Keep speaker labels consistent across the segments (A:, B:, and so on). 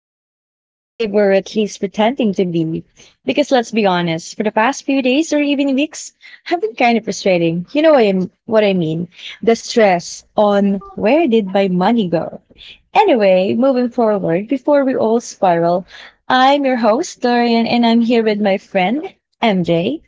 A: hope you're feeling festive or at least pretending to be. Because let's be honest, for the past few days or even weeks, have been kind of frustrating. What I mean? The stress on where did my money go? Anyway, moving forward, before we all spiral, I'm your host, Dorian, and I'm here with my friend, MJ.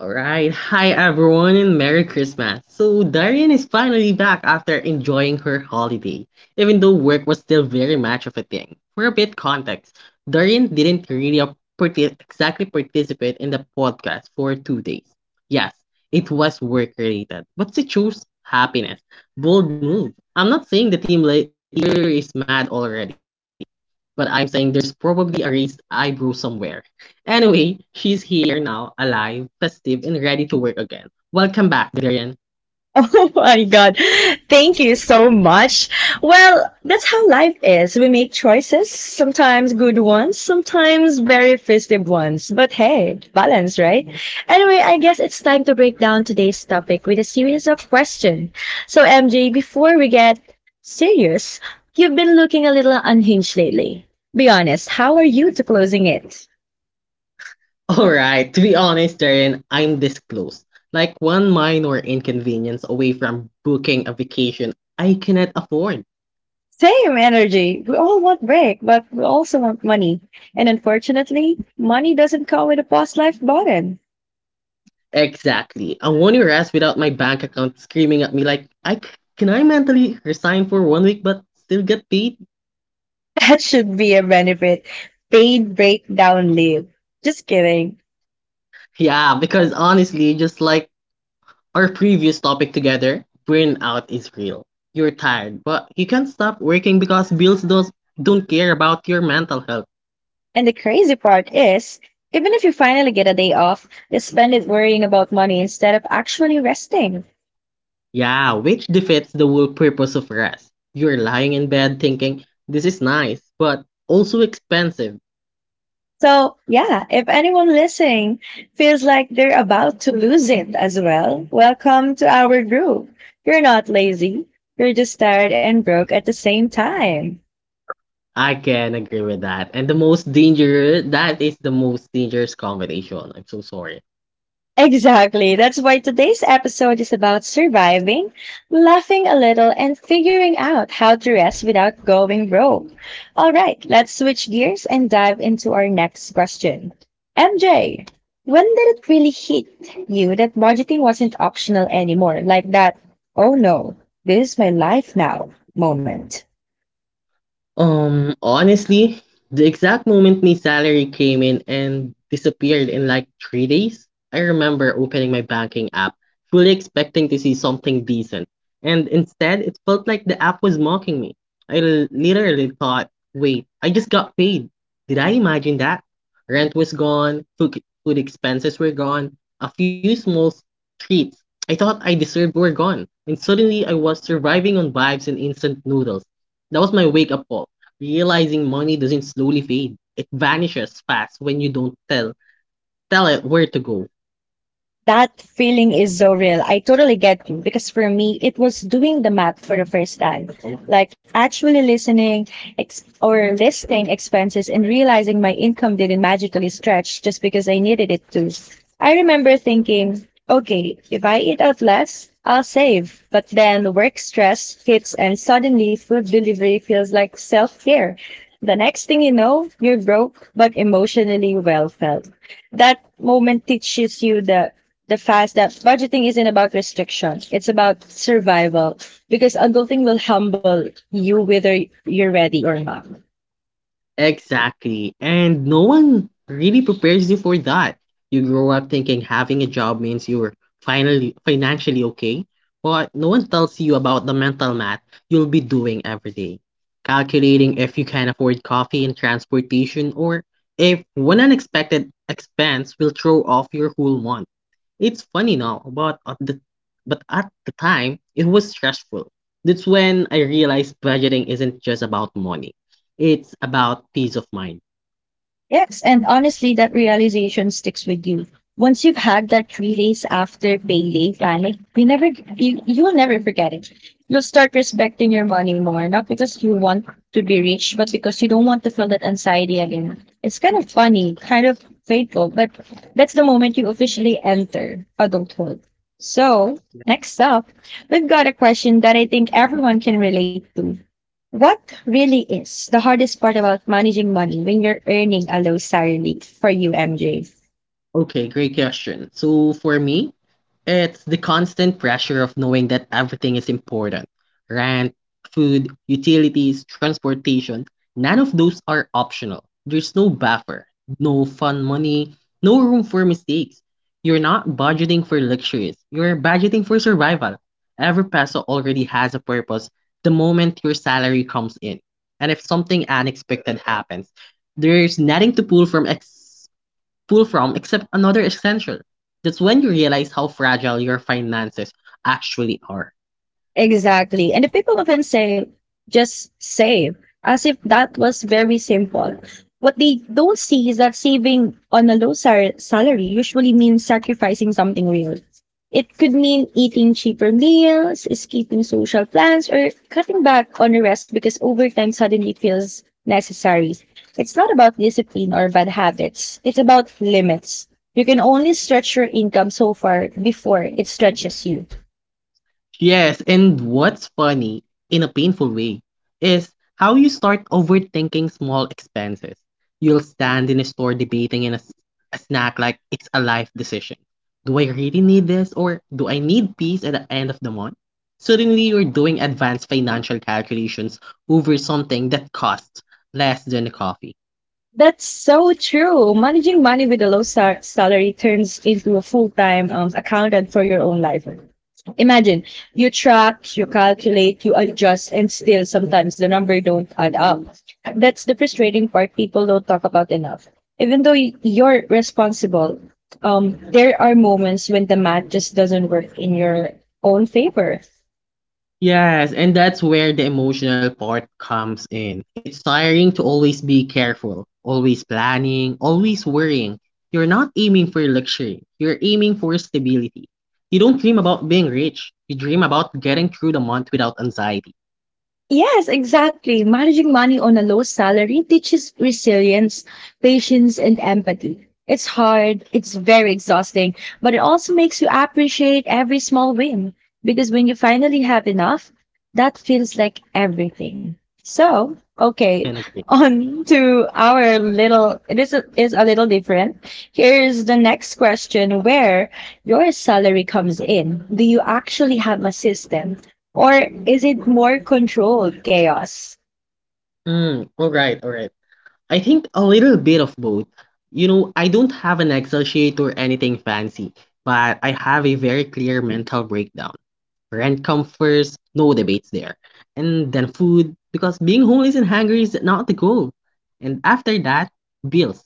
B: All right. Hi, everyone, and Merry Christmas. So, Darian is finally back after enjoying her holiday, even though work was still very much of a thing. For a bit context, Darian didn't exactly participate in the podcast for 2 days. Yes, it was work related, but she chose happiness. Bold move. I'm not saying the team leader is mad already, but I'm saying there's probably a raised eyebrow somewhere. Anyway, she's here now, alive, festive, and ready to work again. Welcome back, Darren.
A: Oh my God. Thank you so much. Well, that's how life is. We make choices, sometimes good ones, sometimes very festive ones. But hey, balance, right? Anyway, I guess it's time to break down today's topic with a series of questions. So, MJ, before we get serious, you've been looking a little unhinged lately. Be honest, how are you to closing it?
B: Alright, to be honest, Darren, I'm this close. Like one minor inconvenience away from booking a vacation I cannot afford.
A: Same energy. We all want break, but we also want money. And unfortunately, money doesn't come with a post life button.
B: Exactly. I won't rest without my bank account screaming at me like, can I mentally resign for one week but still get paid?
A: That should be a benefit. Paid breakdown leave. Just kidding.
B: Yeah, because honestly, just like our previous topic together, burnout is real. You're tired, but you can't stop working because bills don't care about your mental health.
A: And the crazy part is, even if you finally get a day off, you spend it worrying about money instead of actually resting.
B: Yeah, which defeats the whole purpose of rest. You're lying in bed thinking, this is nice, but also expensive.
A: So, yeah, if anyone listening feels like they're about to lose it as well, welcome to our group. You're not lazy, you're just tired and broke at the same time.
B: I can agree with that. And the most dangerous combination. I'm so sorry.
A: Exactly. That's why today's episode is about surviving, laughing a little, and figuring out how to rest without going broke. All right, let's switch gears and dive into our next question. MJ, when did it really hit you that budgeting wasn't optional anymore? Like that, oh no, this is my life now moment.
B: Honestly, the exact moment my salary came in and disappeared in like 3 days, I remember opening my banking app, fully expecting to see something decent. And instead, it felt like the app was mocking me. Literally thought, wait, I just got paid. Did I imagine that? Rent was gone, food expenses were gone, a few small treats I thought I deserved were gone. And suddenly, I was surviving on vibes and instant noodles. That was my wake up call. Realizing money doesn't slowly fade, it vanishes fast when you don't tell it where to go.
A: That feeling is so real. I totally get you because for me, it was doing the math for the first time, like actually listening ex- or listing expenses and realizing my income didn't magically stretch just because I needed it to. I remember thinking, okay, if I eat out less, I'll save. But then work stress hits and suddenly food delivery feels like self care. The next thing you know, you're broke, but emotionally well felt that moment teaches you the fact that budgeting isn't about restriction, it's about survival. Because adulting will humble you whether you're ready or not.
B: Exactly. And no one really prepares you for that. You grow up thinking having a job means you're finally financially okay, but no one tells you about the mental math you'll be doing every day. Calculating if you can afford coffee and transportation, or if one unexpected expense will throw off your whole month. It's funny now, but at the time it was stressful. That's when I realized budgeting isn't just about money. It's about peace of mind.
A: Yes, and honestly, that realization sticks with you. Once you've had that 3 days after payday panic, you'll never forget it. You'll start respecting your money more, not because you want to be rich, but because you don't want to feel that anxiety again. It's kind of funny, kind of fateful, but that's the moment you officially enter adulthood. So, next up, we've got a question that I think everyone can relate to. What really is the hardest part about managing money when you're earning a low salary for you, MJ?
B: Okay, great question. So for me, it's the constant pressure of knowing that everything is important. Rent, food, utilities, transportation, none of those are optional. There's no buffer, no fun money, no room for mistakes. You're not budgeting for luxuries. You're budgeting for survival. Every peso already has a purpose the moment your salary comes in. And if something unexpected happens, there's nothing to pull from except another essential. That's when you realize how fragile your finances actually are.
A: Exactly. And the people often say, just save, as if that was very simple. What they don't see is that saving on a salary usually means sacrificing something real. It could mean eating cheaper meals, skipping social plans, or cutting back on the rest because overtime suddenly feels necessary. It's not about discipline or bad habits, it's about limits. You can only stretch your income so far before it stretches you.
B: Yes, and what's funny, in a painful way, is how you start overthinking small expenses. You'll stand in a store debating in a, s- a snack like it's a life decision. Do I really need this, or do I need peace at the end of the month? Suddenly, you're doing advanced financial calculations over something that costs less than a coffee.
A: That's so true. Managing money with a salary turns into a full-time accountant for your own life. Imagine you track, you calculate, you adjust, and still sometimes the number don't add up. That's the frustrating part people don't talk about enough. Even though you're responsible, there are moments when the math just doesn't work in your own favor.
B: Yes, and that's where the emotional part comes in. It's tiring to always be careful, always planning, always worrying. You're not aiming for luxury, you're aiming for stability. You don't dream about being rich, you dream about getting through the month without anxiety.
A: Yes, exactly. Managing money on a low salary teaches resilience, patience, and empathy. It's hard, it's very exhausting, but it also makes you appreciate every small win because when you finally have enough, that feels like everything. So, okay,
B: And agree.
A: on to our little, this is a little different. Here's the next question where your salary comes in. Do you actually have a system? Or is it more controlled chaos?
B: All right, all right. I think a little bit of both. You know, I don't have an Excel sheet or anything fancy, but I have a very clear mental breakdown. Rent comes first, no debates there. And then food, because being homeless and hungry is not the goal. And after that, bills.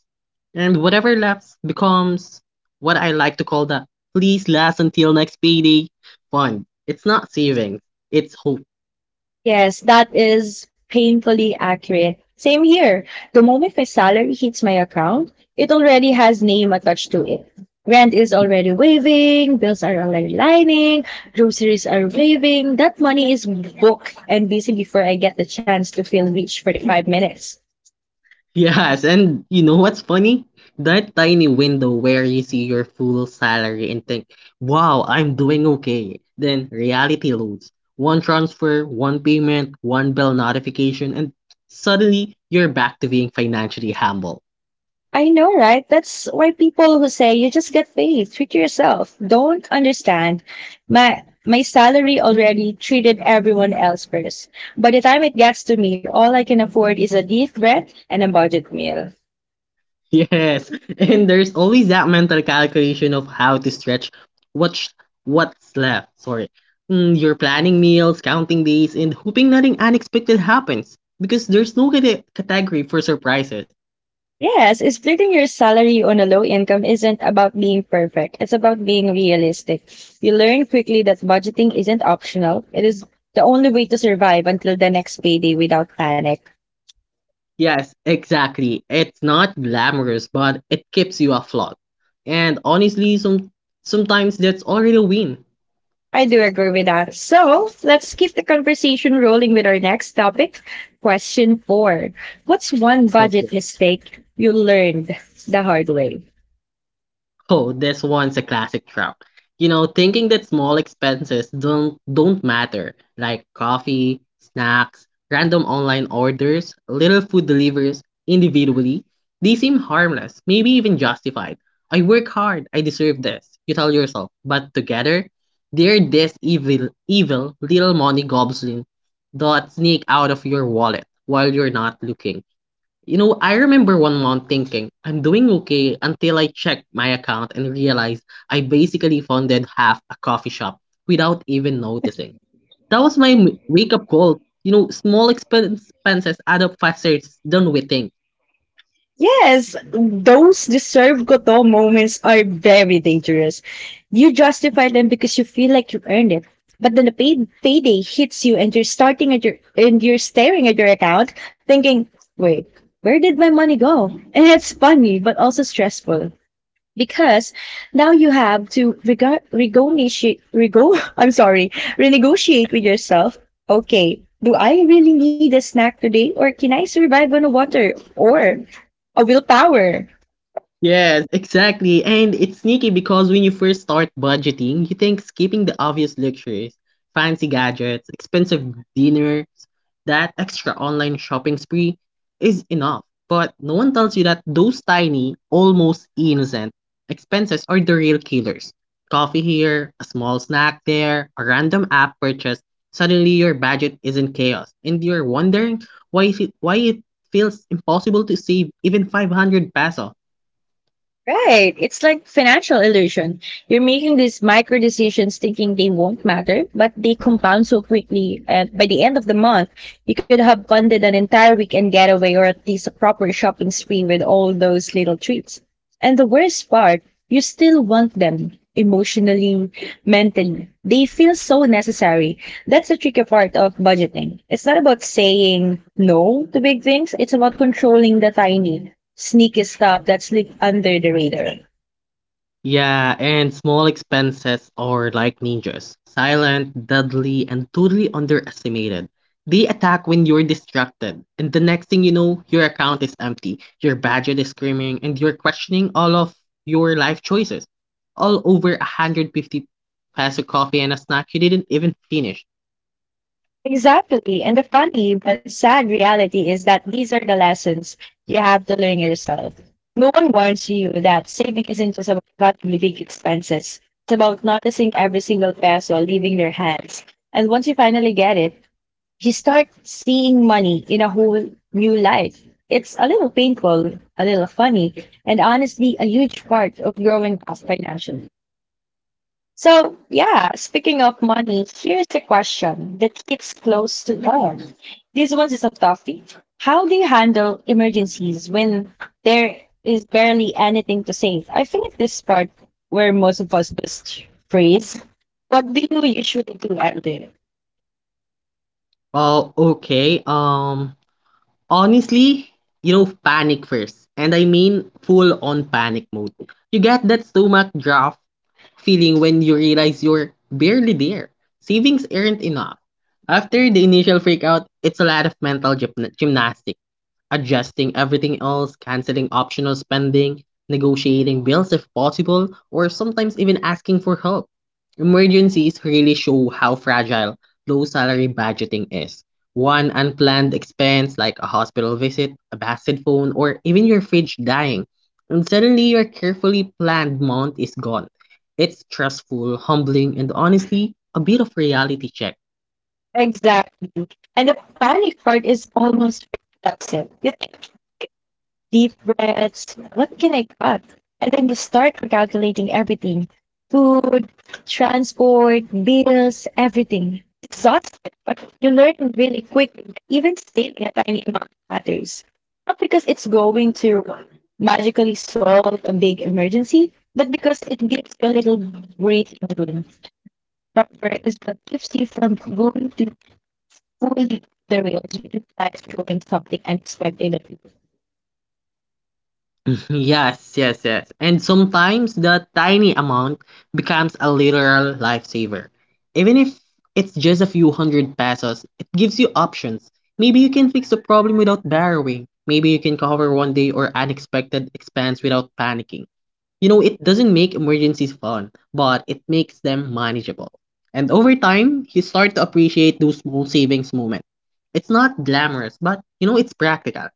B: And whatever left becomes what I like to call the "please last until next payday" fund. It's not savings, it's hope.
A: Yes, that is painfully accurate. Same here. The moment my salary hits my account, it already has name attached to it. Rent is already waving, bills are already lining, groceries are waving. That money is booked and busy before I get the chance to feel rich for the 5 minutes.
B: Yes, and you know what's funny? That tiny window where you see your full salary and think, wow, I'm doing okay. Then reality loads. One transfer, one payment, one bell notification, and suddenly you're back to being financially humble.
A: I know, right? That's why people who say you just get paid, treat yourself, don't understand. My salary already treated everyone else first. By the time it gets to me, all I can afford is a deep breath and a budget meal.
B: Yes, and there's always that mental calculation of how to stretch what sh- what's left. Sorry. You're planning meals, counting days, and hoping nothing unexpected happens because there's no category for surprises.
A: Yes, splitting your salary on a low income isn't about being perfect. It's about being realistic. You learn quickly that budgeting isn't optional. It is the only way to survive until the next payday without panic.
B: Yes, exactly. It's not glamorous, but it keeps you afloat. And honestly, sometimes that's already a win.
A: I do agree with that. So let's keep the conversation rolling with our next topic. Question four. What's one budget mistake you learned the hard way?
B: Oh, this one's a classic trap. You know, thinking that small expenses don't matter, like coffee, snacks, random online orders, little food deliveries individually, they seem harmless, maybe even justified. I work hard, I deserve this, you tell yourself. But together, they're this evil little money goblin that sneak out of your wallet while you're not looking. You know, I remember one month thinking, I'm doing okay until I checked my account and realized I basically funded half a coffee shop without even noticing. That was wake up call. You know, expenses add up faster than we think.
A: Yes, those deserve ko to moments are very dangerous. You justify them because you feel like you earned it. But then the payday hits you and you're staring at your account thinking, wait, where did my money go? And it's funny, but also stressful, because now you have to rego renegotiate, rego- I'm sorry, renegotiate with yourself. Okay, do I really need a snack today, or can I survive on a water or a willpower?
B: Yes, exactly. And it's sneaky because when you first start budgeting, you think skipping the obvious luxuries, fancy gadgets, expensive dinners, that extra online shopping spree is enough. But no one tells you that those tiny, almost innocent expenses are the real killers. Coffee here, a small snack there, a random app purchase. Suddenly your budget is in chaos and you're wondering why it feels impossible to save even 500 peso.
A: Right. It's like financial illusion. You're making these micro decisions thinking they won't matter, but they compound so quickly. And by the end of the month, you could have funded an entire weekend getaway or at least a proper shopping spree with all those little treats. And the worst part, you still want them emotionally, mentally. They feel so necessary. That's the tricky part of budgeting. It's not about saying no to big things. It's about controlling the tiny sneaky stuff that slipped under the radar.
B: Yeah, and small expenses are like ninjas, silent, deadly, and totally underestimated. They attack when you're distracted, and the next thing you know, your account is empty, your budget is screaming, and you're questioning all of your life choices. All over a 150 peso coffee and a snack you didn't even finish.
A: Exactly. And the funny but sad reality is that these are the lessons you have to learn yourself. No one warns you that saving isn't just about cutting big expenses. It's about noticing every single peso leaving your hands. And once you finally get it, you start seeing money in a whole new light. It's a little painful, a little funny, and honestly, a huge part of growing up financially. So, yeah, speaking of money, here's a question that hits close to home. This one is a toughie. How do you handle emergencies when there is barely anything to save? I think this part where most of us just freeze. What do you usually do at there?
B: Oh, okay, honestly, you know, panic first, and I mean full on panic mode. You get that stomach draft feeling when you realize you're barely there. Savings aren't enough. After the initial freakout, it's a lot of mental gymnastics. Adjusting everything else, canceling optional spending, negotiating bills if possible, or sometimes even asking for help. Emergencies really show how fragile low salary budgeting is. One unplanned expense, like a hospital visit, a busted phone, or even your fridge dying, and suddenly your carefully planned month is gone. It's stressful, humbling, and honestly, a bit of reality check.
A: Exactly. And the panic part is almost that's it. You think deep breaths. What can I cut? And then you start recalculating everything food, transport, bills, everything. Exhausted, but you learn really quickly, that even saving a tiny amount matters. Not because it's going to magically solve a big emergency, but because it gives you a little breathing room. Proper is what keeps you from going to fully the rails with life doing something unexpected.
B: Yes, yes, yes. And sometimes the tiny amount becomes a literal lifesaver. Even if it's just a few hundred pesos, it gives you options. Maybe you can fix the problem without borrowing. Maybe you can cover one day or unexpected expense without panicking. You know, it doesn't make emergencies fun, but it makes them manageable. And over time, you start to appreciate those small savings moments. It's not glamorous, but you know, it's practical.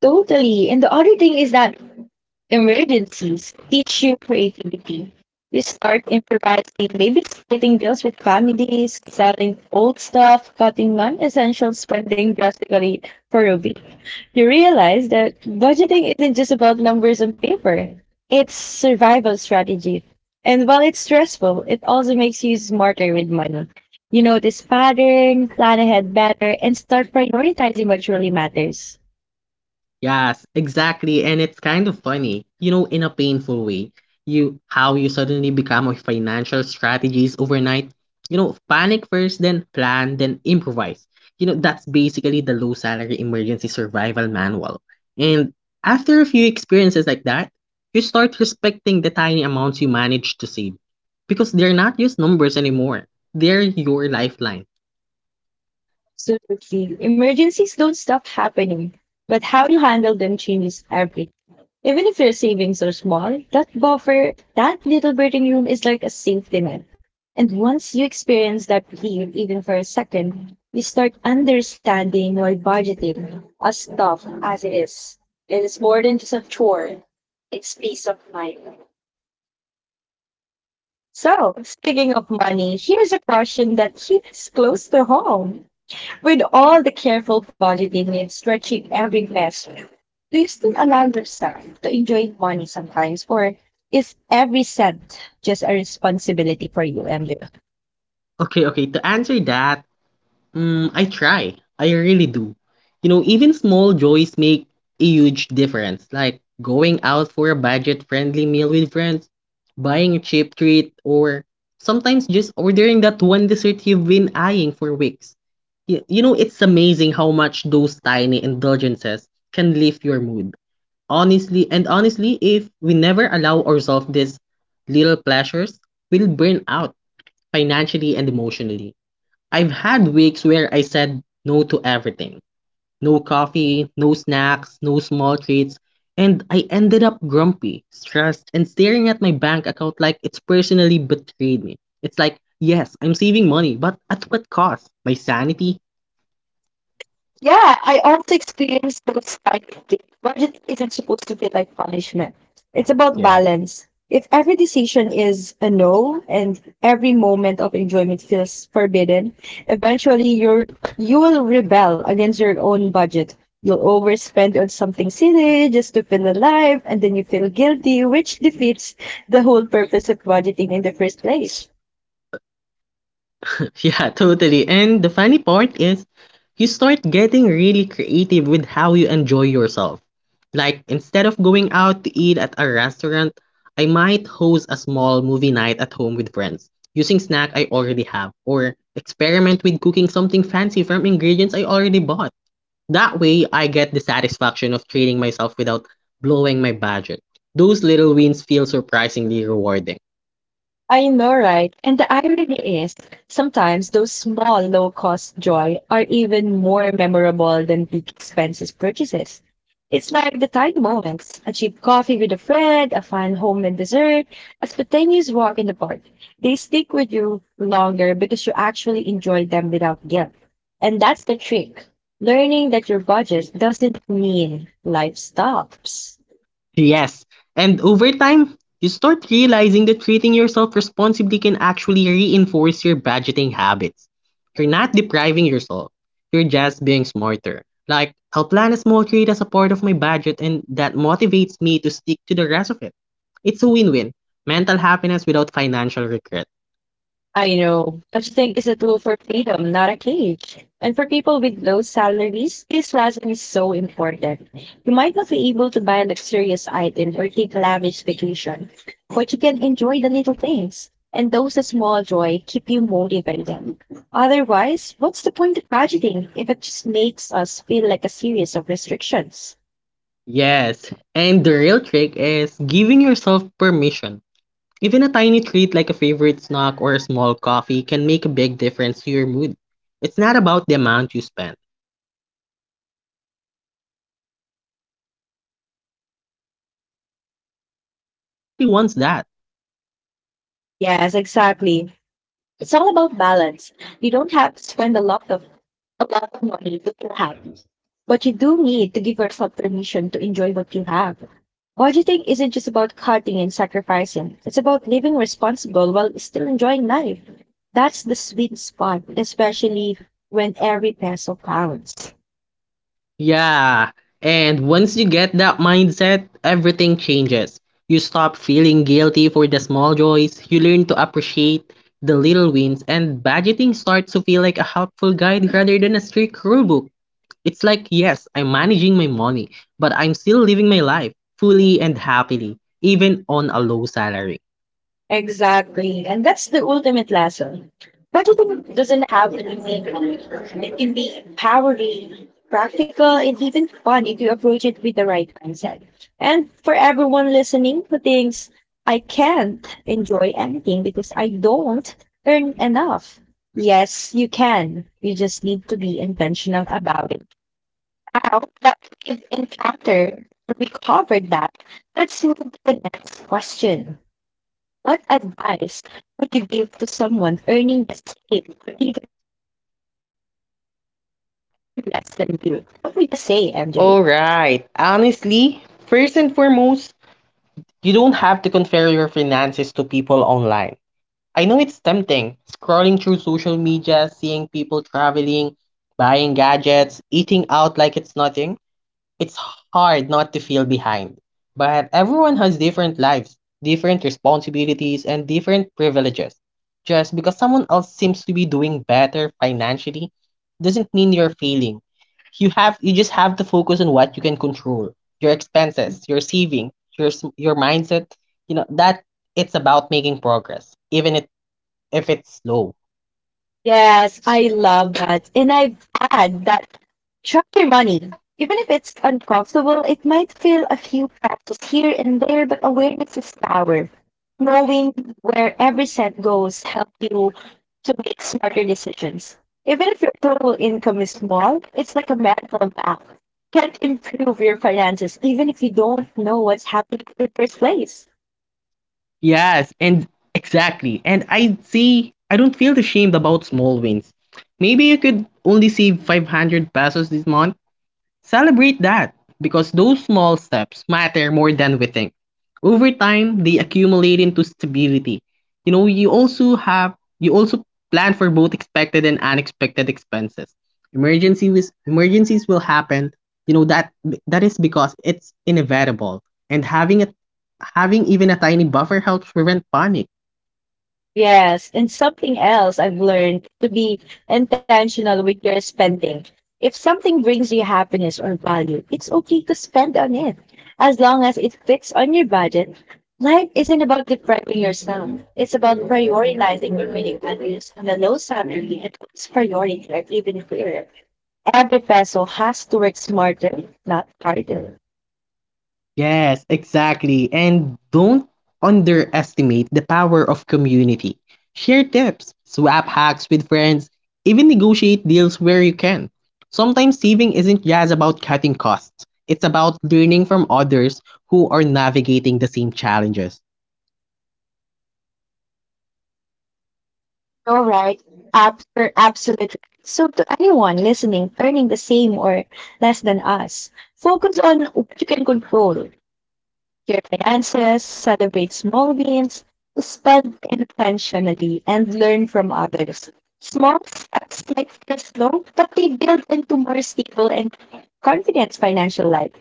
A: Totally. And the other thing is that emergencies teach you creativity. You start improvising, maybe splitting bills with families, selling old stuff, cutting non essential spending drastically for a week. You realize that budgeting isn't just about numbers on paper, it's survival strategy. And while it's stressful, it also makes you smarter with money. You notice pattern, plan ahead better, and start prioritizing what truly matters.
B: Yes, exactly. And it's kind of funny, you know, in a painful way. You how you suddenly become a financial strategist overnight. You know, panic first, then plan, then improvise. You know, that's basically the low salary emergency survival manual. And after a few experiences like that, you start respecting the tiny amounts you manage to save. Because they're not just numbers anymore. They're your lifeline.
A: Absolutely. Emergencies don't stop happening, but how you handle them changes everything. Even if your savings are small, that buffer, that little breathing room is like a safety net. And once you experience that relief, even for a second, you start understanding why budgeting, as tough as it is more than just a chore. It's peace of mind. So, speaking of money, here's a question that hits close to home. With all the careful budgeting and stretching every peso, do you still allow yourself to enjoy money sometimes, or is every cent just a responsibility for you, MJ?
B: Okay, okay, to answer that, I try. I really do. You know, even small joys make a huge difference, like going out for a budget-friendly meal with friends, buying a cheap treat, or sometimes just ordering that one dessert you've been eyeing for weeks. You know, it's amazing how much those tiny indulgences can lift your mood. Honestly, if we never allow ourselves these little pleasures, we'll burn out financially and emotionally. I've had weeks where I said no to everything. No coffee, no snacks, no small treats, and I ended up grumpy, stressed, and staring at my bank account like it's personally betrayed me. It's like, yes, I'm saving money, but at what cost? My sanity?
A: Yeah, I also experienced those kind of things. Budget isn't supposed to feel like punishment. It's about
B: Yeah.
A: balance. If every decision is a no and every moment of enjoyment feels forbidden, eventually you will rebel against your own budget. You'll overspend on something silly just to feel alive, and then you feel guilty, which defeats the whole purpose of budgeting in the first place.
B: Yeah, totally. And the funny part is, you start getting really creative with how you enjoy yourself. Like, instead of going out to eat at a restaurant, I might host a small movie night at home with friends, using snack I already have, or experiment with cooking something fancy from ingredients I already bought. That way, I get the satisfaction of treating myself without blowing my budget. Those little wins feel surprisingly rewarding.
A: I know, right? And the irony is, sometimes those small, low cost joy are even more memorable than big expenses purchases. It's like the tiny moments a cheap coffee with a friend, a fun homemade dessert, a spontaneous walk in the park. They stick with you longer because you actually enjoy them without guilt. And that's the trick learning that your budget doesn't mean life stops.
B: Yes, and over time, you start realizing that treating yourself responsibly can actually reinforce your budgeting habits. You're not depriving yourself, you're just being smarter. Like, I'll plan a small treat as a part of my budget, and that motivates me to stick to the rest of it. It's a win win mental happiness without financial regret.
A: I know. Budgeting is a tool for freedom, not a cage. And for people with low salaries, this lesson is so important. You might not be able to buy luxurious items or take lavish vacation, but you can enjoy the little things. And those small joy keep you motivated. Otherwise, what's the point of budgeting if it just makes us feel like a series of restrictions?
B: Yes, and the real trick is giving yourself permission. Even a tiny treat like a favorite snack or a small coffee can make a big difference to your mood. It's not about the amount you spend, it's about the experience and the mental space it gives you. Without that, saving money starts feeling like a punishment, and nobody wants that.
A: Yes, exactly. It's all about balance. You don't have to spend a lot of a
B: Yes,
A: lot of
B: that's it.
A: money to feel happy, but you do need to give yourself permission to enjoy what you have. Budgeting isn't just about cutting and sacrificing. It's about living responsible while still enjoying life. That's the sweet spot, especially when every peso counts.
B: Yeah. And once you get that mindset, everything changes. You stop feeling guilty for the small joys, you learn to appreciate the little wins, and budgeting starts to feel like a helpful guide rather than a strict rule book. It's like, yes, I'm managing my money, but I'm still living my life fully and happily, even on a low salary.
A: Exactly. And that's the ultimate lesson. Budgeting doesn't have to be mean. It can be empowering, practical, and even fun if you approach it with the right mindset. And for everyone listening who thinks, I can't enjoy anything because I don't earn enough. Yes, you can. You just need to be intentional about it. How that we've encountered, we covered that. Let's move to the next question. What advice would you give to someone earning the same or even less than you? What would you say, MJ?
B: All right. Honestly, first and foremost, you don't have to compare your finances to people online. I know it's tempting, scrolling through social media, seeing people traveling, buying gadgets, eating out like it's nothing. It's hard not to feel behind. But everyone has different lives, different responsibilities, and different privileges. Just because someone else seems to be doing better financially doesn't mean you're failing. You just have to focus on what you can control. Your expenses, your saving, your mindset, you know, that it's about making progress, even if it's slow.
A: Yes, I love that. And I add that track your money. Even if it's uncomfortable, it might feel a few practice here and there, but awareness is power. Knowing where every cent goes helps you to make smarter decisions. Even if your total income is small, it's like a mental map. Can improve your finances even if you don't know what's happening in the first place.
B: Yes, and exactly. And I see, I don't feel ashamed about small wins. Maybe you could only save 500 pesos this month, celebrate that because those small steps matter more than we think. Over time, they accumulate into stability. You know, you also plan for both expected and unexpected expenses. Emergencies will happen. You know that that is because it's inevitable. And having even a tiny buffer helps prevent panic.
A: Yes, and something else I've learned to be intentional with your spending. If something brings you happiness or value, it's okay to spend on it. As long as it fits on your budget, life isn't about depriving yourself. It's about prioritizing your winning values and the low salary and its priority are even clearer. Every peso has to work smarter, not harder.
B: Yes, exactly. And don't underestimate the power of community. Share tips, swap hacks with friends, even negotiate deals where you can. Sometimes saving isn't just about cutting costs, it's about learning from others who are navigating the same challenges.
A: Alright, Abs- absolutely. So, to anyone listening, earning the same or less than us, focus on what you can control your finances, celebrate small wins, spend intentionally, and learn from others. Small steps might feel slow, but they build into more stable and confident financial life.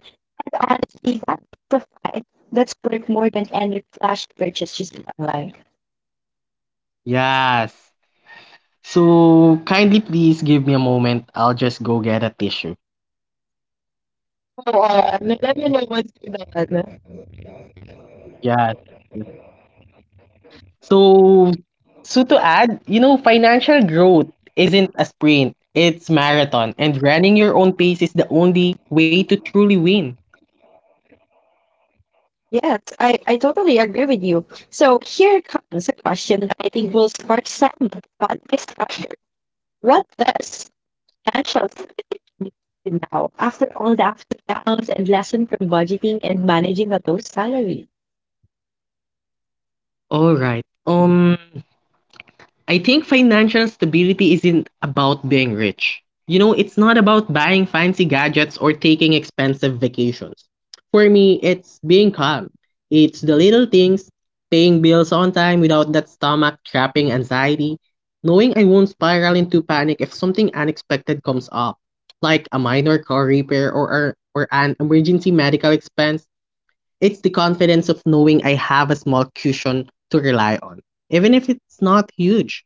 A: And honestly, that profile that's worth more than any flash purchases online.
B: Yes. So kindly please give me a moment. I'll just go get a tissue.
A: Oo, alam mo naman sila, ano.
B: Yes. So so to add, you know, financial growth isn't a sprint, it's marathon, and running your own pace is the only way to truly win.
A: Yes, I totally agree with you. So here comes a question that I think will spark some fun discussion. What does financial stability mean now after all the ups and downs and lesson from budgeting and managing a low salary?
B: All right. I think financial stability isn't about being rich. You know, it's not about buying fancy gadgets or taking expensive vacations. For me, it's being calm. It's the little things, paying bills on time without that stomach trapping anxiety, knowing I won't spiral into panic if something unexpected comes up, like a minor car repair or an emergency medical expense. It's the confidence of knowing I have a small cushion to rely on, even if it's not huge.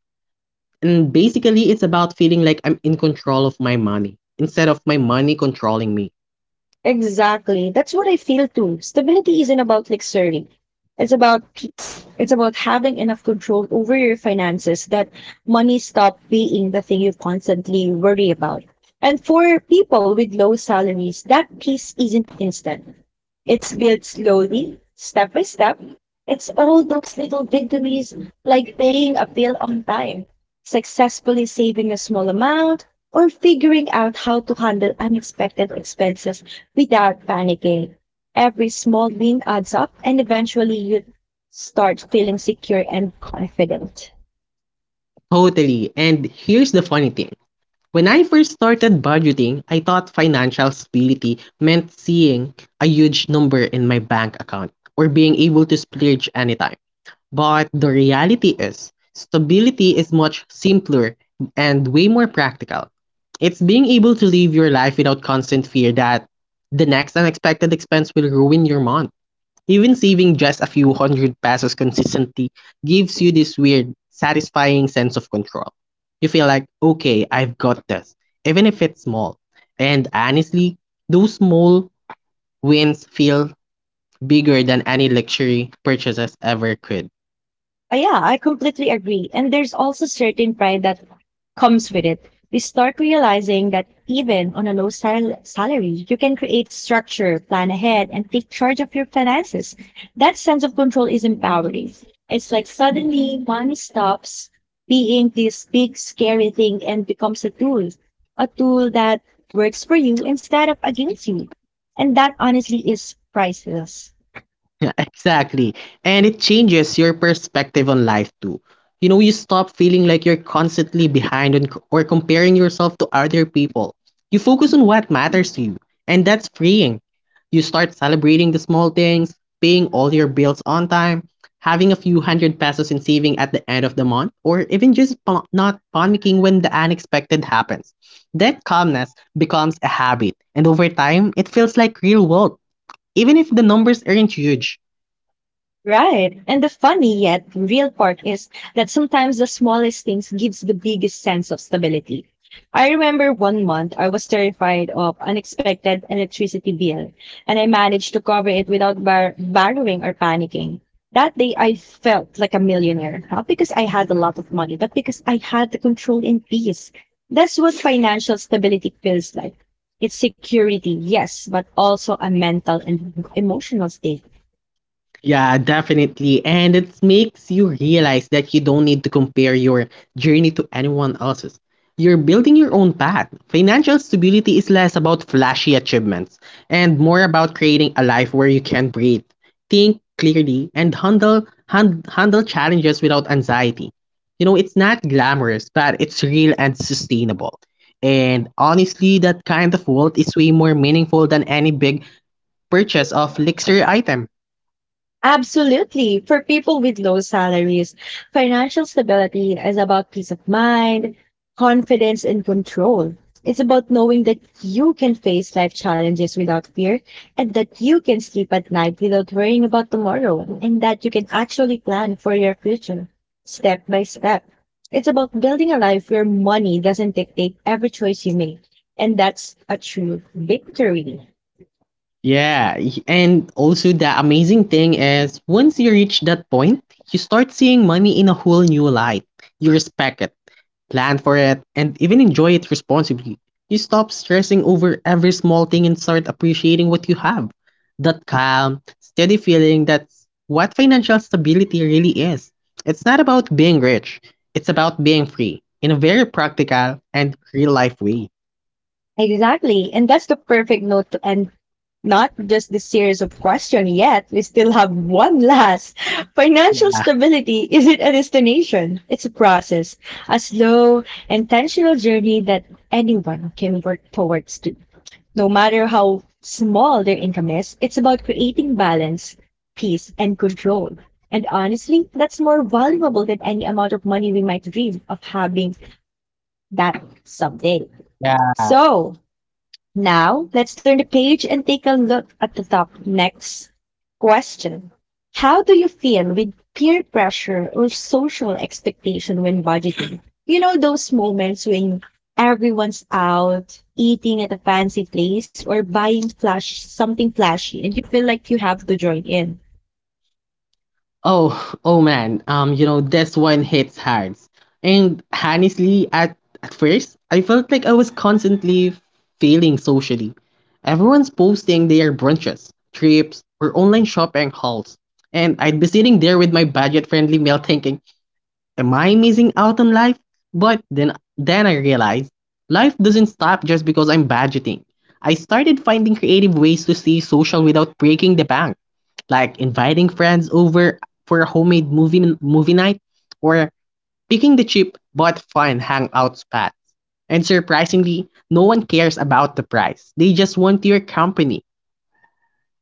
B: And basically, it's about feeling like I'm in control of my money instead of my money controlling me.
A: Exactly. That's what I feel too. Stability isn't about like serving. It's about peace. It's about having enough control over your finances that money stop being the thing you constantly worry about. And for people with low salaries, that peace isn't instant. It's built slowly, step by step. It's all those little victories, like paying a bill on time, successfully saving a small amount, or figuring out how to handle unexpected expenses without panicking. Every small win adds up, and eventually you start feeling secure and confident.
B: Totally. And here's the funny thing. When I first started budgeting, I thought financial stability meant seeing a huge number in my bank account or being able to splurge anytime. But the reality is, stability is much simpler and way more practical. It's being able to live your life without constant fear that the next unexpected expense will ruin your month. Even saving just a few hundred pesos consistently gives you this weird, satisfying sense of control. You feel like, okay, I've got this, even if it's small. And honestly, those small wins feel bigger than any luxury purchases ever could.
A: Yeah, I completely agree. And there's also certain pride that comes with it. We start realizing that even on a low salary, you can create structure, plan ahead, and take charge of your finances. That sense of control is empowering. It's like suddenly money stops being this big, scary thing and becomes a tool that works for you instead of against you. And that honestly is priceless.
B: Exactly. And it changes your perspective on life too. You know, you stop feeling like you're constantly behind or comparing yourself to other people. You focus on what matters to you, and that's freeing. You start celebrating the small things, paying all your bills on time, having a few hundred pesos in saving at the end of the month, or even not panicking when the unexpected happens. That calmness becomes a habit, and over time, it feels like real world, even if the numbers aren't huge.
A: Right. And the funny yet real part is that sometimes the smallest things gives the biggest sense of stability. I remember one month I was terrified of unexpected electricity bill and I managed to cover it without borrowing or panicking. That day I felt like a millionaire, not because I had a lot of money, but because I had the control and peace. That's what financial stability feels like. It's security, yes, but also a mental and emotional state.
B: Yeah, definitely. And it makes you realize that you don't need to compare your journey to anyone else's. You're building your own path. Financial stability is less about flashy achievements and more about creating a life where you can breathe, think clearly, and handle challenges without anxiety. You know, it's not glamorous, but it's real and sustainable. And honestly, that kind of wealth is way more meaningful than any big purchase of luxury item.
A: Absolutely. For people with low salaries, financial stability is about peace of mind, confidence, and control. It's about knowing that you can face life challenges without fear and that you can sleep at night without worrying about tomorrow and that you can actually plan for your future step by step. It's about building a life where money doesn't dictate every choice you make. And that's a true victory.
B: Yeah, and also the amazing thing is once you reach that point, you start seeing money in a whole new light. You respect it, plan for it, and even enjoy it responsibly. You stop stressing over every small thing and start appreciating what you have. That calm, steady feeling that's what financial stability really is. It's not about being rich, it's about being free in a very practical and real life way.
A: Exactly. And that's the perfect note to end not just this series of questions yet. We still have one last. Financial stability isn't a destination, it's a process, a slow, intentional journey that anyone can work towards to. No matter how small their income is, it's about creating balance, peace, and control. And honestly, that's more valuable than any amount of money we might dream of having that someday.
B: Yeah.
A: So, now, let's turn the page and take a look at the top next question. How do you feel with peer pressure or social expectation when budgeting? You know, those moments when everyone's out eating at a fancy place or buying flash something flashy and you feel like you have to join in.
B: Oh man, you know, this one hits hard. And honestly, at first, I felt like I was constantly failing socially. Everyone's posting their brunches, trips, or online shopping hauls. And I'd be sitting there with my budget friendly meal thinking, am I missing out on life? But then I realized life doesn't stop just because I'm budgeting. I started finding creative ways to stay social without breaking the bank, like inviting friends over for a homemade movie night or picking the cheap but fun hangout spots. And surprisingly, no one cares about the price. They just want your company.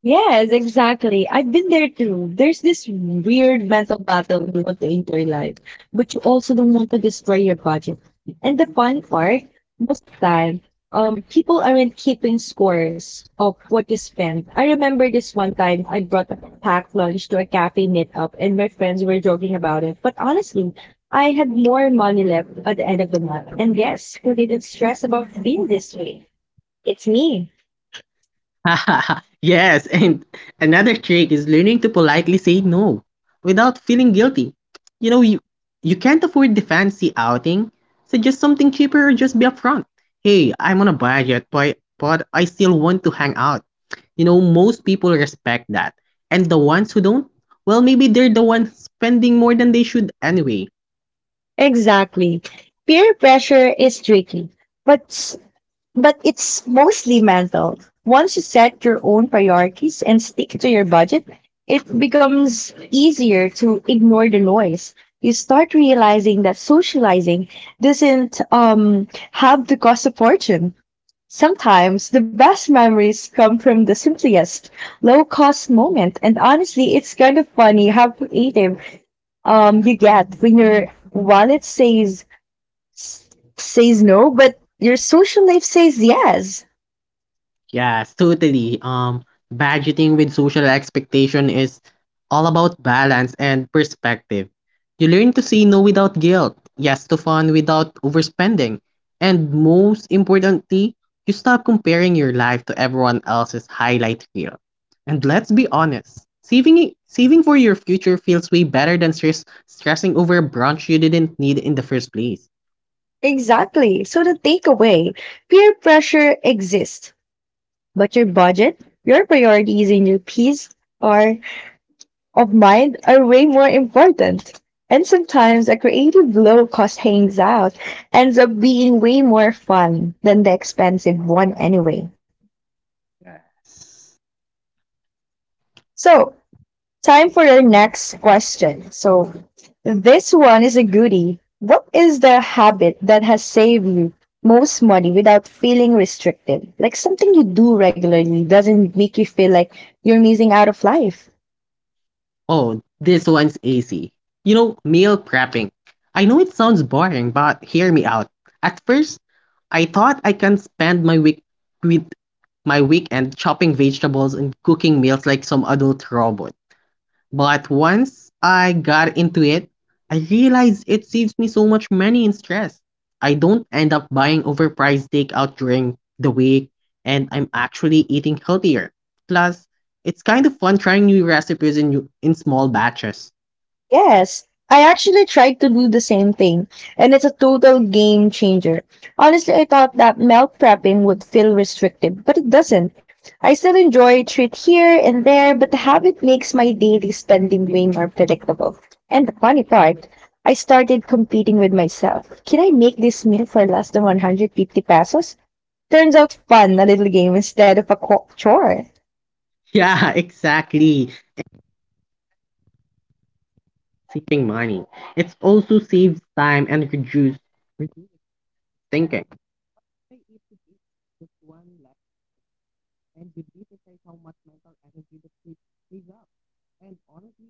A: Yes, exactly. I've been there too. There's this weird mental battle you want to enjoy life, but you also don't want to destroy your budget. And the fun part, most of the time, people aren't keeping scores of what you spend. I remember this one time I brought a packed lunch to a cafe meetup, and my friends were joking about it. But honestly, I had more money left at the end of the month. And yes, who didn't stress about being this way? It's me.
B: Yes, and another trick is learning to politely say no without feeling guilty. You know, you can't afford the fancy outing, so just something cheaper or just be upfront. Hey, I'm on a budget, but I still want to hang out. You know, most people respect that. And the ones who don't, well, maybe they're the ones spending more than they should anyway.
A: Exactly. Peer pressure is tricky, but s- but it's mostly mental. Once you set your own priorities and stick to your budget, it becomes easier to ignore the noise. You start realizing that socializing doesn't have to cost a fortune. Sometimes the best memories come from the simplest, low cost moment. And honestly, it's kind of funny how creative you get when your wallet s- says no, but your social life says yes.
B: Yes, totally. Budgeting with social expectation is all about balance and perspective. You learn to say no without guilt, yes to fun without overspending, and most importantly, you stop comparing your life to everyone else's highlight reel. And let's be honest, saving for your future feels way better than stressing over a brunch you didn't need in the first place.
A: Exactly. So the takeaway peer pressure exists, but your budget, your priorities, and your peace are, of mind are way more important. And sometimes a creative low cost hangs out ends up being way more fun than the expensive one anyway. So, time for your next question. So, this one is a goodie. What is the habit that has saved you most money without feeling restricted? Like something you do regularly doesn't make you feel like you're missing out of life.
B: Oh, this one's easy. You know, meal prepping. I know it sounds boring, but hear me out. At first, I thought I can spend my week with my weekend chopping vegetables and cooking meals like some adult robot. But once I got into it, I realized it saves me so much money and stress. I don't end up buying overpriced takeout during the week, and I'm actually eating healthier. Plus, it's kind of fun trying new recipes in small batches.
A: Yes, I actually tried to do the same thing, and it's a total game changer. Honestly, I thought that meal prepping would feel restrictive, but it doesn't. I still enjoy a treat here and there, but the habit makes my daily spending way more predictable. And the funny part, I started competing with myself. Can I make this meal for less than 150 pesos? Turns out fun, a little game instead of a chore.
B: Yeah, exactly. Saving money. It also saves time and reduce thinking. And you'd be surprised how much mental energy the trip frees up. And honestly,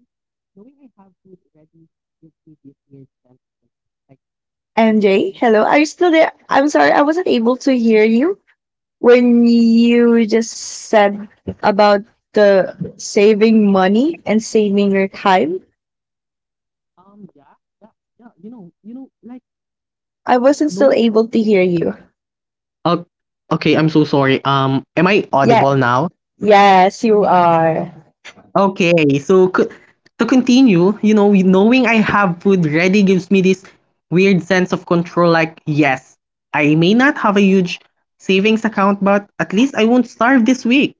B: knowing I have food ready gives me this weird sense of like, yes,
A: MJ,
B: I'm
A: hello, are you still there? I'm sorry, I wasn't able to hear you. When you just said about the saving money and saving your time,
B: yeah, yeah, yeah. You know, like
A: I wasn't still
B: knowing.
A: able to hear you.
B: Oh, okay, I'm so sorry. Am I
A: Yeah,
B: audible now?
A: yes, you are.
B: Okay, so to continue, you know, knowing I have food ready gives me this weird sense of control. Like, yes, I may not have a huge savings account, but at least I won't starve this week.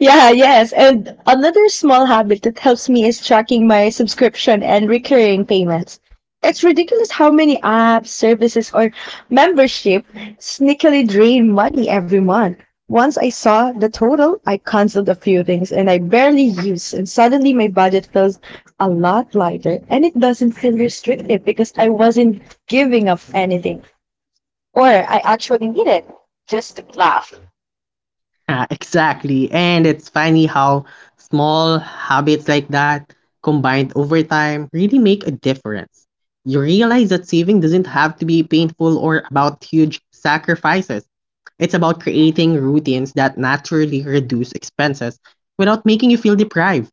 A: Yeah, yes. And another small habit that helps me is tracking my subscription and recurring payments. It's ridiculous how many apps, services, or membership sneakily drain money every month. Once I saw the total, I canceled a few things and I barely use, and suddenly my budget feels a lot lighter and it doesn't feel restrictive because I wasn't giving up anything or I actually needed just to laugh.
B: Yeah, exactly. And it's funny how small habits like that, combined over time, really make a difference. You realize that saving doesn't have to be painful or about huge sacrifices. It's about creating routines that naturally reduce expenses without making you feel deprived.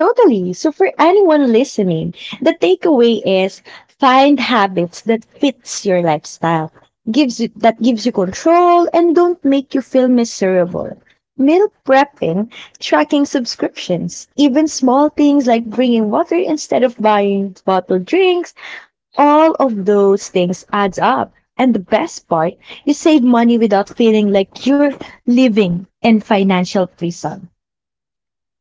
A: Totally. So for anyone listening, the takeaway is find habits that fits your lifestyle, gives you that gives you control and don't make you feel miserable. Meal prepping, tracking subscriptions, even small things like bringing water instead of buying bottled drinks, all of those things adds up. And the best part, you save money without feeling like you're living in financial prison.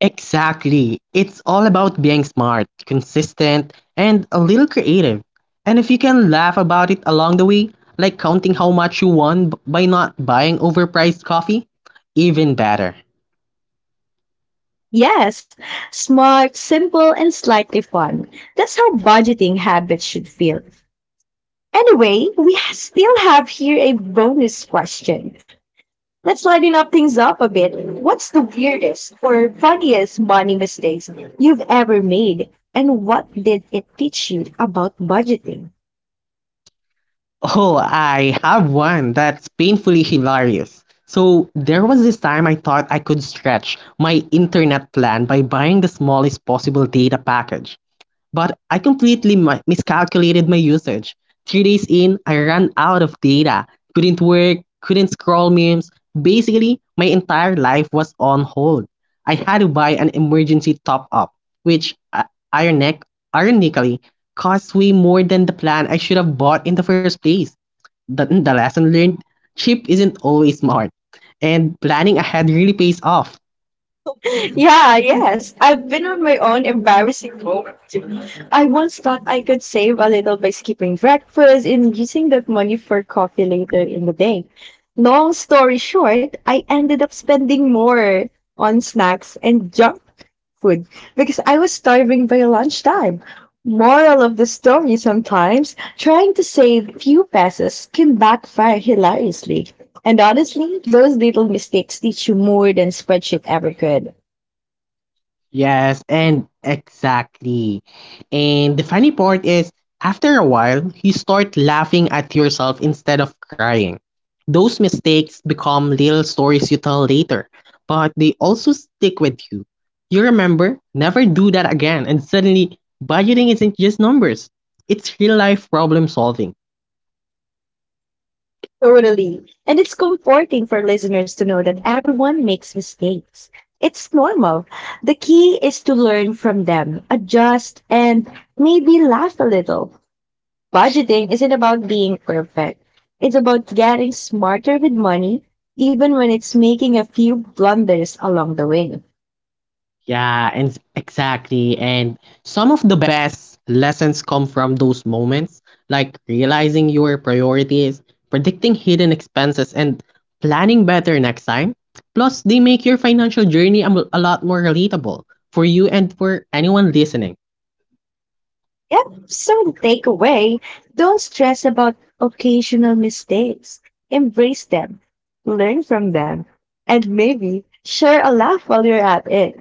B: Exactly. It's all about being smart, consistent, and a little creative. And if you can laugh about it along the way, like counting how much you by not buying overpriced coffee, even better.
A: Yes, smart, simple, and slightly fun. That's how budgeting habits should feel. Anyway, we still have here a bonus question. Let's lighten up things up a bit. What's the weirdest or funniest money mistakes you've ever made, and what did it teach you about budgeting?
B: Oh, I have one that's painfully hilarious. So, there was this time I thought I could stretch my internet plan by buying the smallest possible data package. But I completely miscalculated my usage. 3 days in, I ran out of data, couldn't work, couldn't scroll memes. Basically, my entire life was on hold. I had to buy an emergency top up, which ironic- ironically cost way more than the plan I should have bought in the first place. The lesson learned, cheap isn't always smart, and planning ahead really pays off.
A: Yeah, yes. I've been on my own embarrassing road. I once thought I could save a little by skipping breakfast and using that money for coffee later in the day. Long story short, I ended up spending more on snacks and junk food because I was starving by lunchtime. Moral of the story sometimes, trying to save few pesos can backfire hilariously. And honestly, those little mistakes teach you more than spreadsheet ever could.
B: Yes, and exactly. And the funny part is, after a while, you start laughing at yourself instead of crying. Those mistakes become little stories you tell later, but they also stick with you. You remember, never do that again, and suddenly, budgeting isn't just numbers, it's real life problem solving.
A: Totally. And it's comforting for listeners to know that everyone makes mistakes. It's normal. The key is to learn from them, adjust, and maybe laugh a little. Budgeting isn't about being perfect. It's about getting smarter with money, even when it's making a few blunders along the way.
B: Yeah, and exactly. And some of the best lessons come from those moments, like realizing your priorities, predicting hidden expenses, and planning better next time. Plus, they make your financial journey a lot more relatable for you and for anyone listening.
A: Yep, so takeaway, don't stress about occasional mistakes. Embrace them, learn from them, and maybe share a laugh while you're at it.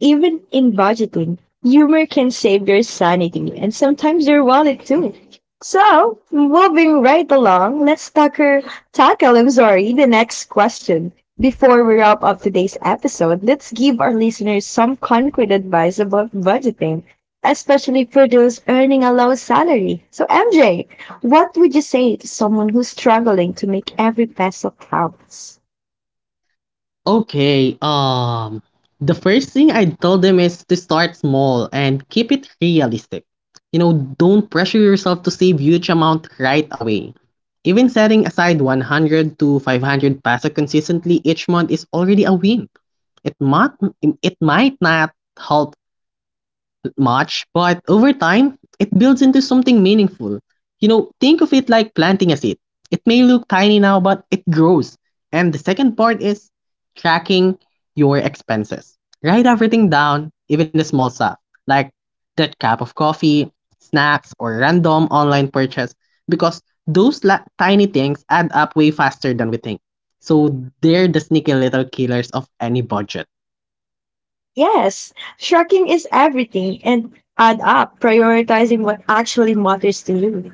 A: Even in budgeting, humor can save your sanity and sometimes your wallet too. So, moving right along, let's tackle the next question. Before we wrap up today's episode, let's give our listeners some concrete advice about budgeting especially for those earning a low salary. So, MJ, what would you say to someone who's struggling to make every peso count?
B: Okay, the first thing I tell them is to start small and keep it realistic. You know, don't pressure yourself to save huge amount right away. Even setting aside 100 to 500 peso consistently each month is already a win. It might it might not help much, but over time, it builds into something meaningful. You know, think of it like planting a seed. It may look tiny now, but it grows. And the second part is tracking your expenses. Write everything down, even the small stuff, like that cup of coffee, snacks, or random online purchase, because tiny things add up way faster than we think. So they're the sneaky little killers of any budget.
A: Yes, tracking is everything and add up, prioritizing what actually matters to you.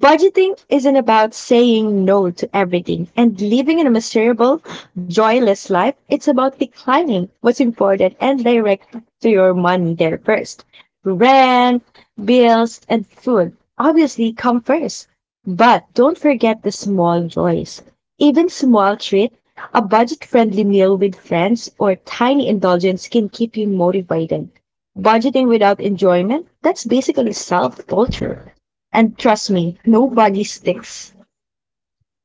A: Budgeting isn't about saying no to everything and living in a miserable, joyless life. It's about declining what's important and direct to your money there first. Rent, bills, and food obviously come first. But don't forget the small joys. Even small treat, a budget-friendly meal with friends or tiny indulgence can keep you motivated. Budgeting without enjoyment, that's basically self-torture. And trust me, nobody sticks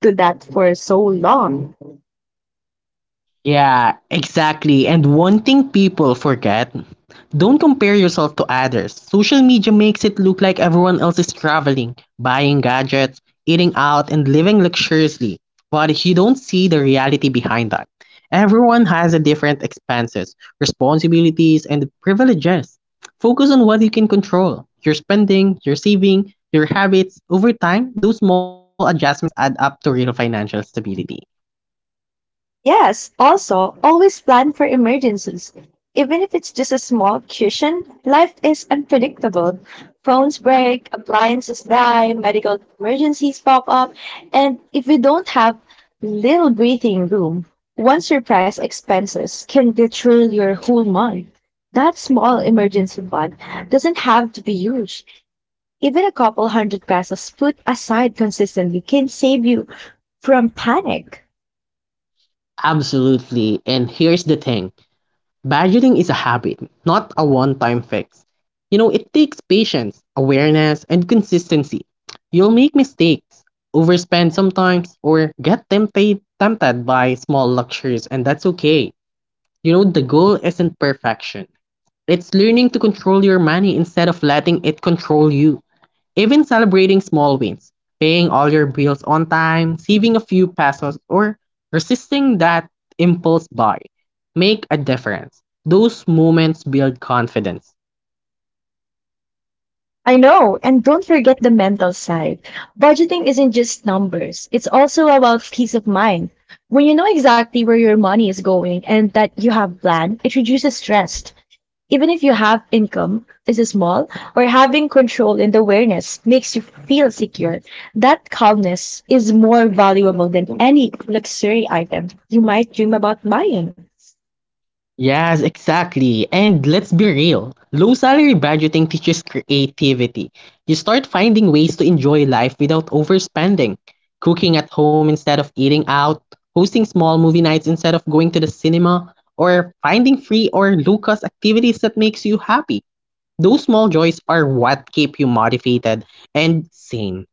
A: to that for so long.
B: Yeah, exactly. And one thing people forget, don't compare yourself to others. Social media makes it look like everyone else is traveling, buying gadgets, eating out, and living luxuriously. But you don't see the reality behind that. Everyone has a different expenses, responsibilities, and privileges. Focus on what you can control, your spending, your saving, your habits. Over time, those small adjustments add up to real financial stability.
A: Yes, also, always plan for emergencies. Even if it's just a small cushion, life is unpredictable. Phones break, appliances die, medical emergencies pop up, and if you don't have little breathing room, one surprise expenses can derail your whole month. That small emergency fund doesn't have to be huge. Even a couple hundred pesos put aside consistently can save you from panic.
B: Absolutely. And here's the thing, budgeting is a habit, not a one time fix. You know, it takes patience, awareness, and consistency. You'll make mistakes, overspend sometimes, or get tempted by small luxuries, and that's okay. You know, the goal isn't perfection, it's learning to control your money instead of letting it control you. Even celebrating small wins, paying all your bills on time, saving a few pesos, or resisting that impulse buy, make a difference. Those moments build confidence.
A: I know, and don't forget the mental side. Budgeting isn't just numbers, it's also about peace of mind. When you know exactly where your money is going and that you have a plan, it reduces stress. Even if you have income is small or having control and awareness makes you feel secure, that calmness is more valuable than any luxury item you might dream about buying.
B: Yes, exactly. And let's be real. Low salary budgeting teaches creativity. You start finding ways to enjoy life without overspending. Cooking at home instead of eating out, hosting small movie nights instead of going to the cinema, or finding free or low-cost activities that makes you happy. Those small joys are what keep you motivated and sane.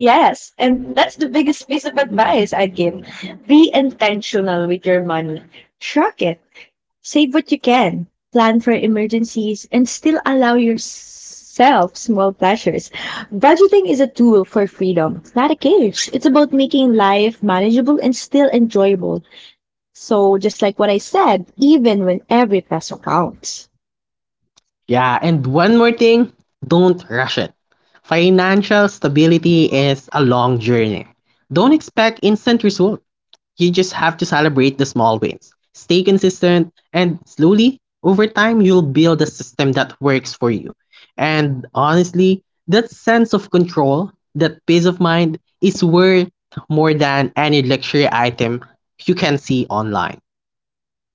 A: Yes, and that's the biggest piece of advice I'd give. Be intentional with your money. Track it. Save what you can. Plan for emergencies and still allow yourself small pleasures. Budgeting is a tool for freedom, not a cage. It's about making life manageable and still enjoyable. So, just like what I said, even when every peso counts.
B: Yeah, and one more thing, don't rush it. Financial stability is a long journey. Don't expect instant result. You just have to celebrate the small wins. Stay consistent and slowly over time you'll build a system that works for you. And honestly, that sense of control, that peace of mind is worth more than any luxury item you can see online.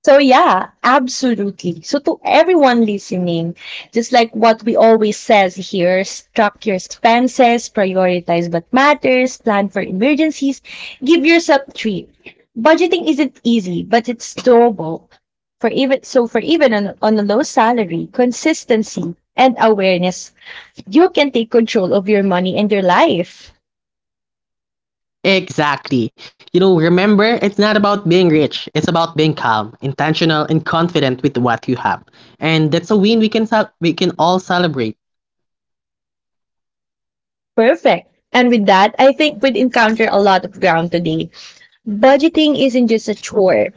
A: So yeah, absolutely. So to everyone listening, just like what we always says here, track your expenses, prioritize what matters, plan for emergencies, give yourself a treat. Budgeting isn't easy, but it's doable. For even on a low salary, consistency and awareness, you can take control of your money and your life.
B: Exactly. You know, remember, it's not about being rich. It's about being calm, intentional, and confident with what you have. And that's a win we can all celebrate.
A: Perfect. And with that, I think we'd encounter a lot of ground today. Budgeting isn't just a chore.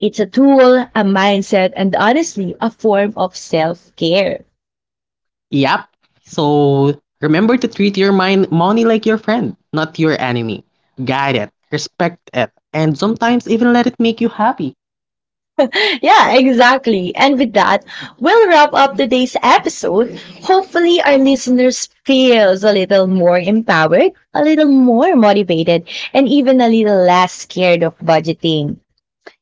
A: It's a tool, a mindset, and honestly, a form of self care.
B: Yep. So remember to treat your mind money like your friend, not your enemy. Guide it, respect it, and sometimes even let it make you happy.
A: Yeah, exactly. And with that, we'll wrap up today's episode. Hopefully, our listeners feels a little more empowered, a little more motivated, and even a little less scared of budgeting.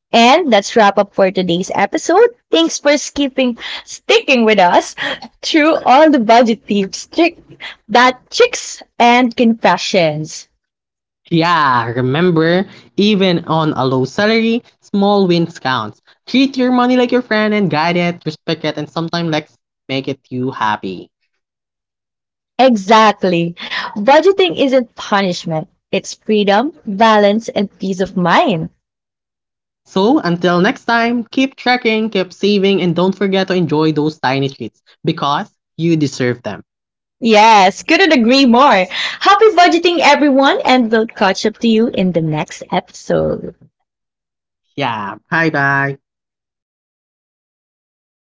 A: And that's wrap up for today's episode. Thanks for sticking with us through all the budget tips, tricks, and confessions.
B: Yeah, remember, even on a low salary, small wins counts. Treat your money like your friend and guide it, respect it, and sometimes let make it you happy.
A: Exactly. Budgeting isn't punishment, it's freedom, balance, and peace of mind.
B: So, until next time, keep tracking, keep saving, and don't forget to enjoy those tiny treats because you deserve them.
A: Yes, couldn't agree more. Happy budgeting, everyone, and we'll catch up to you in the next episode.
B: Yeah, bye bye.
A: Bye bye.